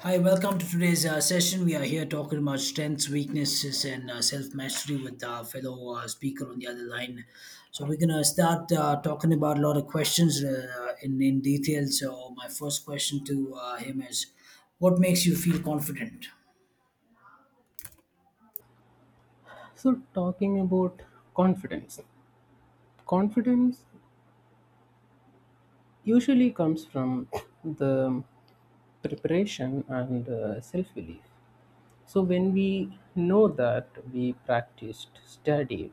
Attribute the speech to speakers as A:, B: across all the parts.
A: Hi, welcome to today's session. We are here talking about strengths, weaknesses, and self mastery with our fellow speaker on the other line. So, we're going to start talking about a lot of questions in detail. So, my first question to him is, what makes you feel confident?
B: So, talking about confidence, confidence usually comes from the preparation and self belief. So, when we know that we practiced, studied,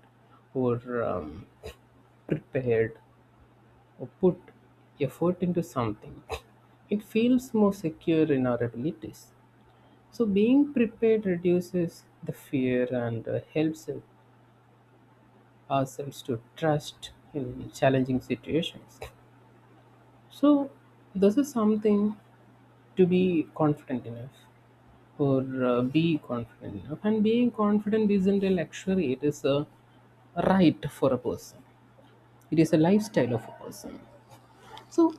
B: or prepared, or put effort into something, it feels more secure in our abilities. So, being prepared reduces the fear and helps ourselves to trust in challenging situations. So, this is something to be confident enough. And being confident isn't a luxury, it is a right for a person, it is a lifestyle of a person. So,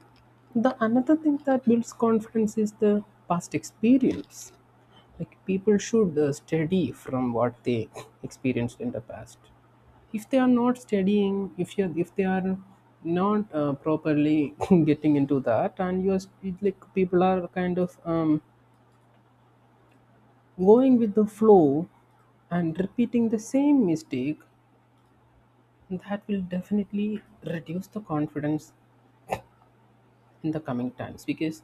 B: the another thing that builds confidence is the past experience, like people should study from what they experienced in the past. If they are not studying, if they are not properly getting into that and you're like, people are kind of going with the flow and repeating the same mistake, that will definitely reduce the confidence in the coming times. Because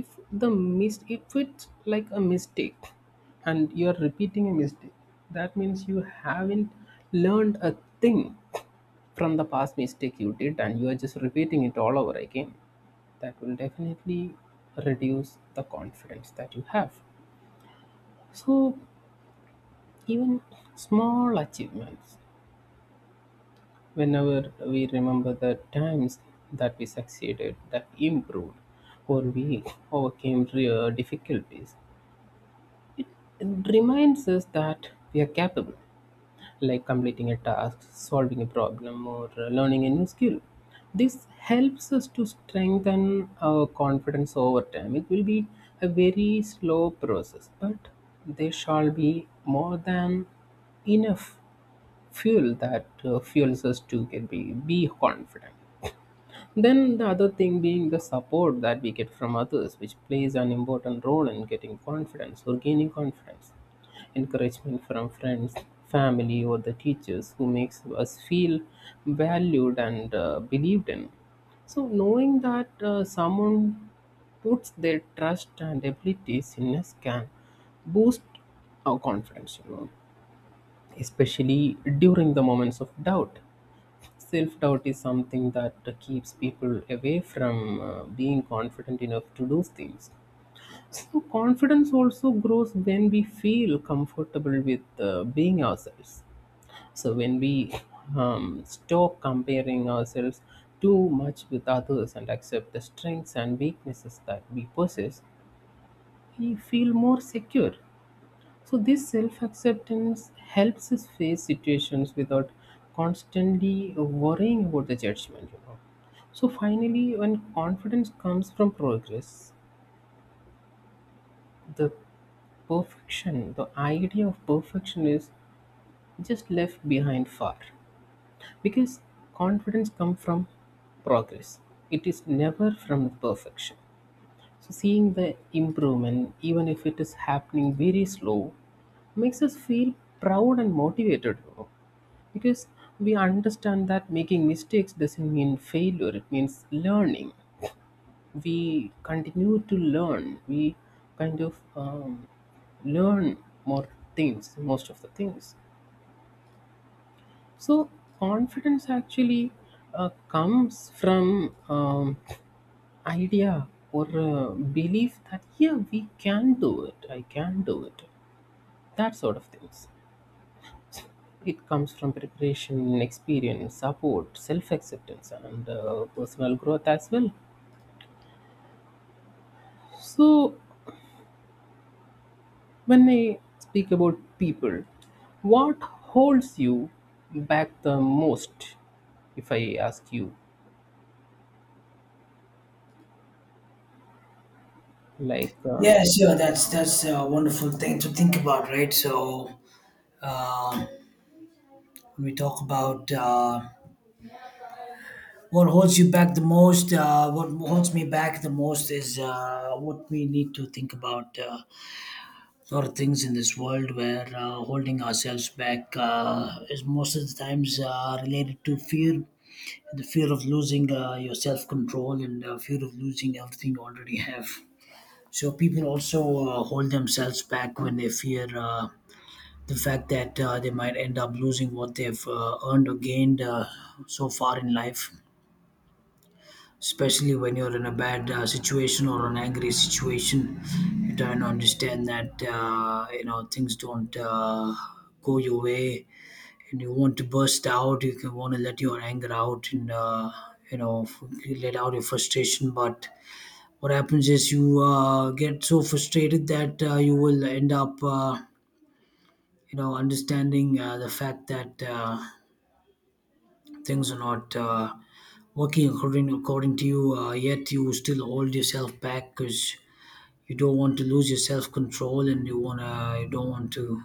B: if if it's like a mistake and you're repeating a mistake, that means you haven't learned a thing from the past mistake you did, and you are just repeating it all over again. That will definitely reduce the confidence that you have. So even small achievements, whenever we remember the times that we succeeded, that improved, or we overcame real difficulties, it reminds us that we are capable, like completing a task, solving a problem, or learning a new skill. This helps us to strengthen our confidence over time. It will be a very slow process, but there shall be more than enough fuel that fuels us to be confident. Then the other thing being the support that we get from others, which plays an important role in getting confidence or gaining confidence. Encouragement from friends, family, or the teachers who makes us feel valued and believed in. So knowing that someone puts their trust and abilities in us can boost our confidence, you know, especially during the moments of doubt. Self doubt is something that keeps people away from being confident enough to do things. So, confidence also grows when we feel comfortable with being ourselves. So, when we stop comparing ourselves too much with others and accept the strengths and weaknesses that we possess, we feel more secure. So this self-acceptance helps us face situations without constantly worrying about the judgment, you know. So finally, when confidence comes from progress, the perfection, the idea of perfection is just left behind far. Because confidence comes from progress. It is never from perfection. So seeing the improvement, even if it is happening very slow, makes us feel proud and motivated, you know. Because we understand that making mistakes doesn't mean failure, it means learning. We continue to learn, we kind of learn more things, most of the things. So, confidence actually comes from idea or belief that, yeah, we can do it, I can do it, that sort of things. It comes from preparation, experience, support, self-acceptance, and personal growth as well. So when I speak about people, what holds you back the most, if I ask you, like
A: Yeah, sure. That's a wonderful thing to think about, right? So, uh, when we talk about what holds you back the most? What holds me back the most is what we need to think about. A lot of things in this world where holding ourselves back is most of the times related to fear. The fear of losing your self control, and fear of losing everything you already have. So people also hold themselves back when they fear the fact that they might end up losing what they've earned or gained so far in life. Especially when you're in a bad situation or an angry situation, you try to understand that you know, things don't go your way, and you want to burst out, you can want to let your anger out and you know, let out your frustration, but what happens is you get so frustrated that you will end up you know, understanding the fact that things are not working according to you, yet you still hold yourself back because you don't want to lose your self-control, and you don't want to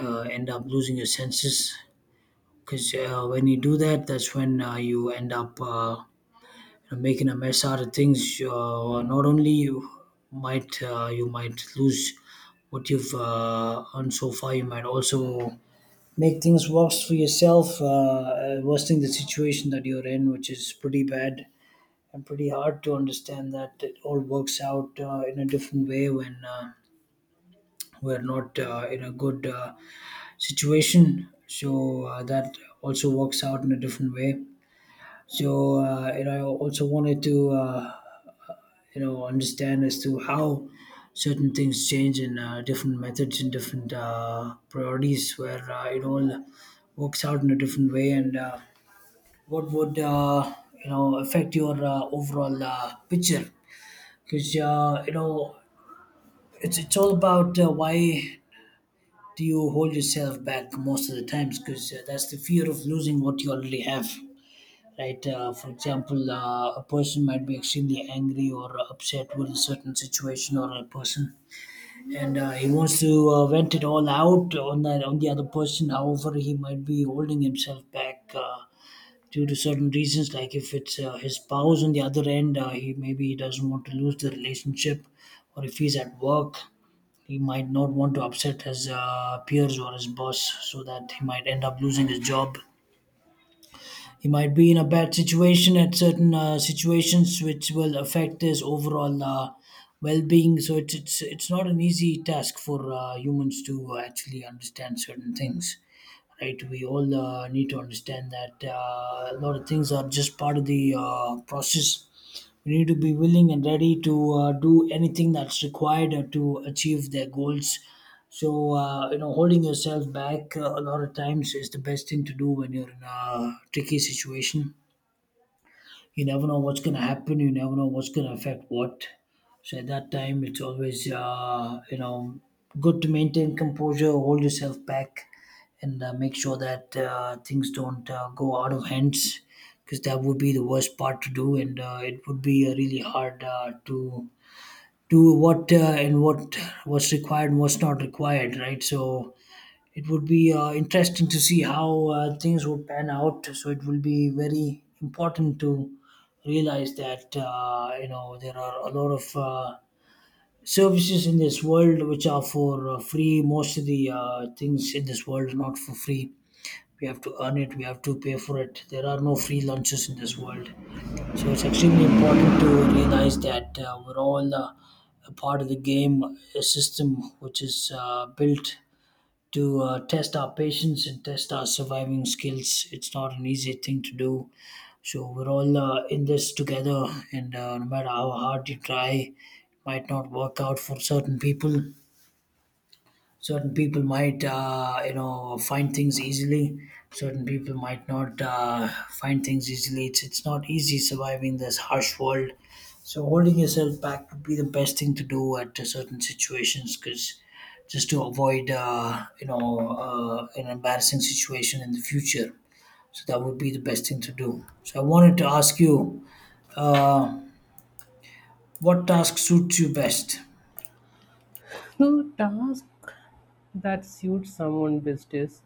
A: end up losing your senses, because when you do that, that's when you end up you know, making a mess out of things. Not only you might lose what you've earned so far, you might also make things worse for yourself, worsening the situation that you're in, which is pretty bad and pretty hard to understand that it all works out in a different way when we're not in a good situation. So that also works out in a different way. So you know, I also wanted to you know, understand as to how certain things change in different methods and different priorities, where it all works out in a different way and. What would you know, affect your overall picture, because you know, it's all about why do you hold yourself back most of the times, because that's the fear of losing what you already have, right? For example, a person might be extremely angry or upset with a certain situation or a person, and he wants to vent it all out on that on the other person. However, he might be holding himself back due to certain reasons. Like if it's his spouse on the other end, he maybe he doesn't want to lose the relationship, or if he's at work, he might not want to upset his peers or his boss, so that he might end up losing his job. He might be in a bad situation at certain situations which will affect his overall well-being. So it's not an easy task for humans to actually understand certain things, right? We all need to understand that a lot of things are just part of the process. We need to be willing and ready to do anything that's required to achieve their goals. So, you know, holding yourself back a lot of times is the best thing to do when you're in a tricky situation. You never know what's going to happen. You never know what's going to affect what. So at that time, it's always you know, good to maintain composure, hold yourself back, and make sure that things don't go out of hands, because that would be the worst part to do, and it would be really hard to do what and what what's required and what's not required, right? So it would be interesting to see how things would pan out. So it will be very important to realize that you know, there are a lot of services in this world which are for free. Most of the things in this world are not for free. We have to earn it. We have to pay for it. There are no free lunches in this world. So it's extremely important to realize that we're all a part of the game, a system which is built to test our patience and test our surviving skills. It's not an easy thing to do. So we're all in this together, and no matter how hard you try, it might not work out for certain people. Certain people might you know, find things easily, certain people might not find things easily. It's not easy surviving this harsh world, so holding yourself back would be the best thing to do at certain situations, because just to avoid you know, an embarrassing situation in the future. So that would be the best thing to do. So I wanted to ask you, uh, what task suits you best?
B: the task that suits someone best is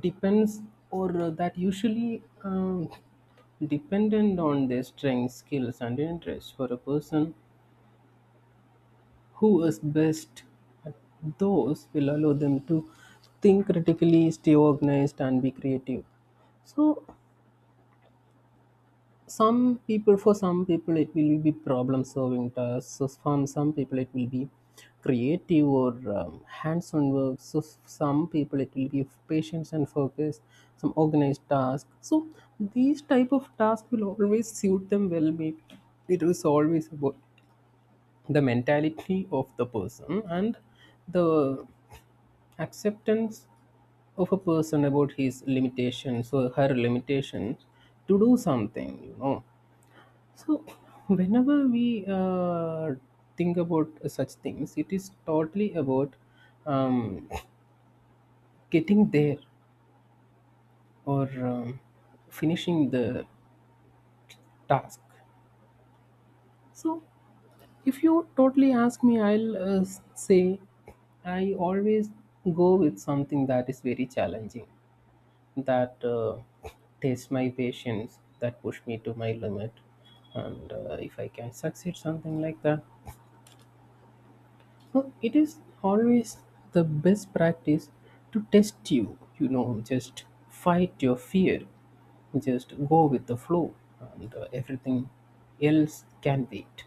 B: depends or that usually dependent on their strengths, skills, and interests. For a person who is best at those, will allow them to think critically, stay organized, and be creative. So some people, for some people it will be problem solving tasks, so from some people it will be creative or hands-on work, so some people it will be patience and focus, some organized task. So these type of tasks will always suit them well. Maybe it is always about the mentality of the person and the acceptance of a person about his limitations or her limitations to do something, you know. So, whenever we think about such things, it is totally about um, getting there or finishing the task. So, if you totally ask me, I'll say I always go with something that is very challenging, that tests my patience, that push me to my limit, and if I can succeed something like that. So it is always the best practice to test you, you know, just fight your fear, just go with the flow, and everything else can wait.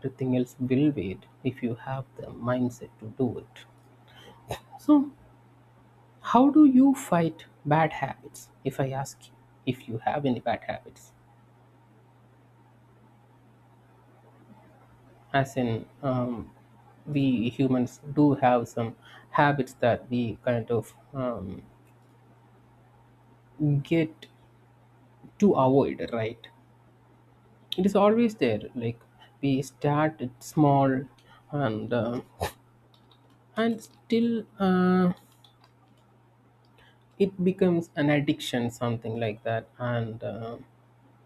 B: Everything else will wait if you have the mindset to do it. So, how do you fight bad habits? If I ask you, if you have any bad habits, as in we humans do have some habits that we kind of get to avoid, right? It is always there, like we start it small, and uh, and still it becomes an addiction, something like that, and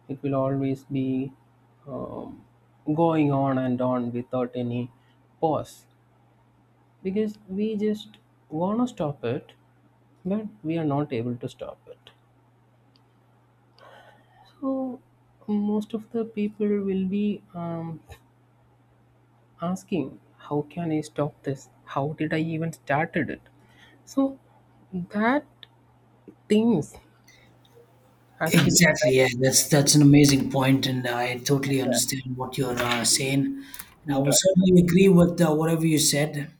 B: it will always be um, going on and on without any pause, because we just wanna stop it but we are not able to stop it. So most of the people will be asking, how can I stop this, how did I even started it? So that things actually,
A: Exactly. Yeah, that's an amazing point, and I totally understand what you're saying. And I will
B: right.
A: certainly agree with whatever you said.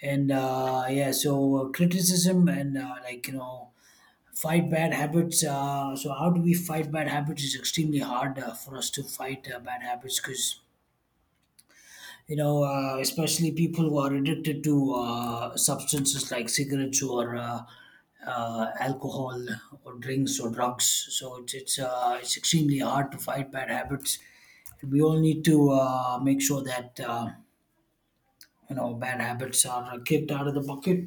A: And yeah, so criticism and like you know, fight bad habits. So how do we fight bad habits? Is extremely hard for us to fight bad habits, because you know, especially people who are addicted to substances like cigarettes or alcohol or drinks or drugs. So it's extremely hard to fight bad habits. We all need to make sure that you know, bad habits are kicked out of the bucket,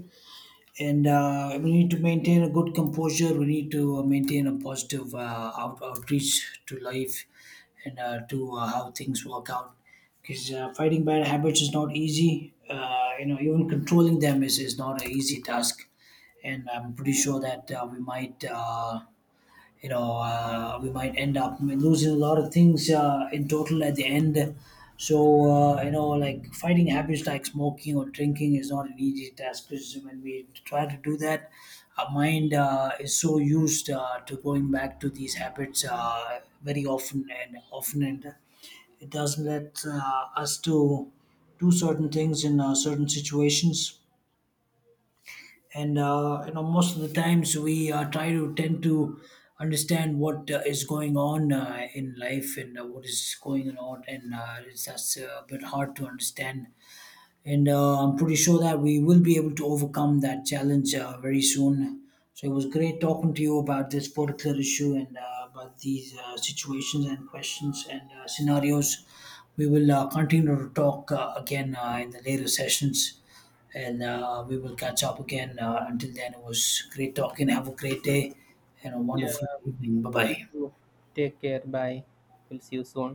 A: and we need to maintain a good composure. We need to maintain a positive outreach to life, and to how things work out. Because fighting bad habits is not easy. You know, even controlling them is not an easy task. And I'm pretty sure that we might. You know, we might end up losing a lot of things in total at the end. So, you know, like fighting habits like smoking or drinking is not an easy task, because when we try to do that, our mind is so used to going back to these habits very often and often, and it doesn't let us to do certain things in certain situations, and you know, most of the times we try to tend to understand what is going on in life, and what is going on, and it's that's a bit hard to understand. And I'm pretty sure that we will be able to overcome that challenge very soon. So it was great talking to you about this particular issue and about these situations and questions and scenarios. We will continue to talk again in the later sessions, and we will catch up again. Until then, it was great talking. Have a great day and a wonderful
B: Yeah,
A: evening. Bye
B: you
A: bye.
B: too, take care, bye. We'll see you soon.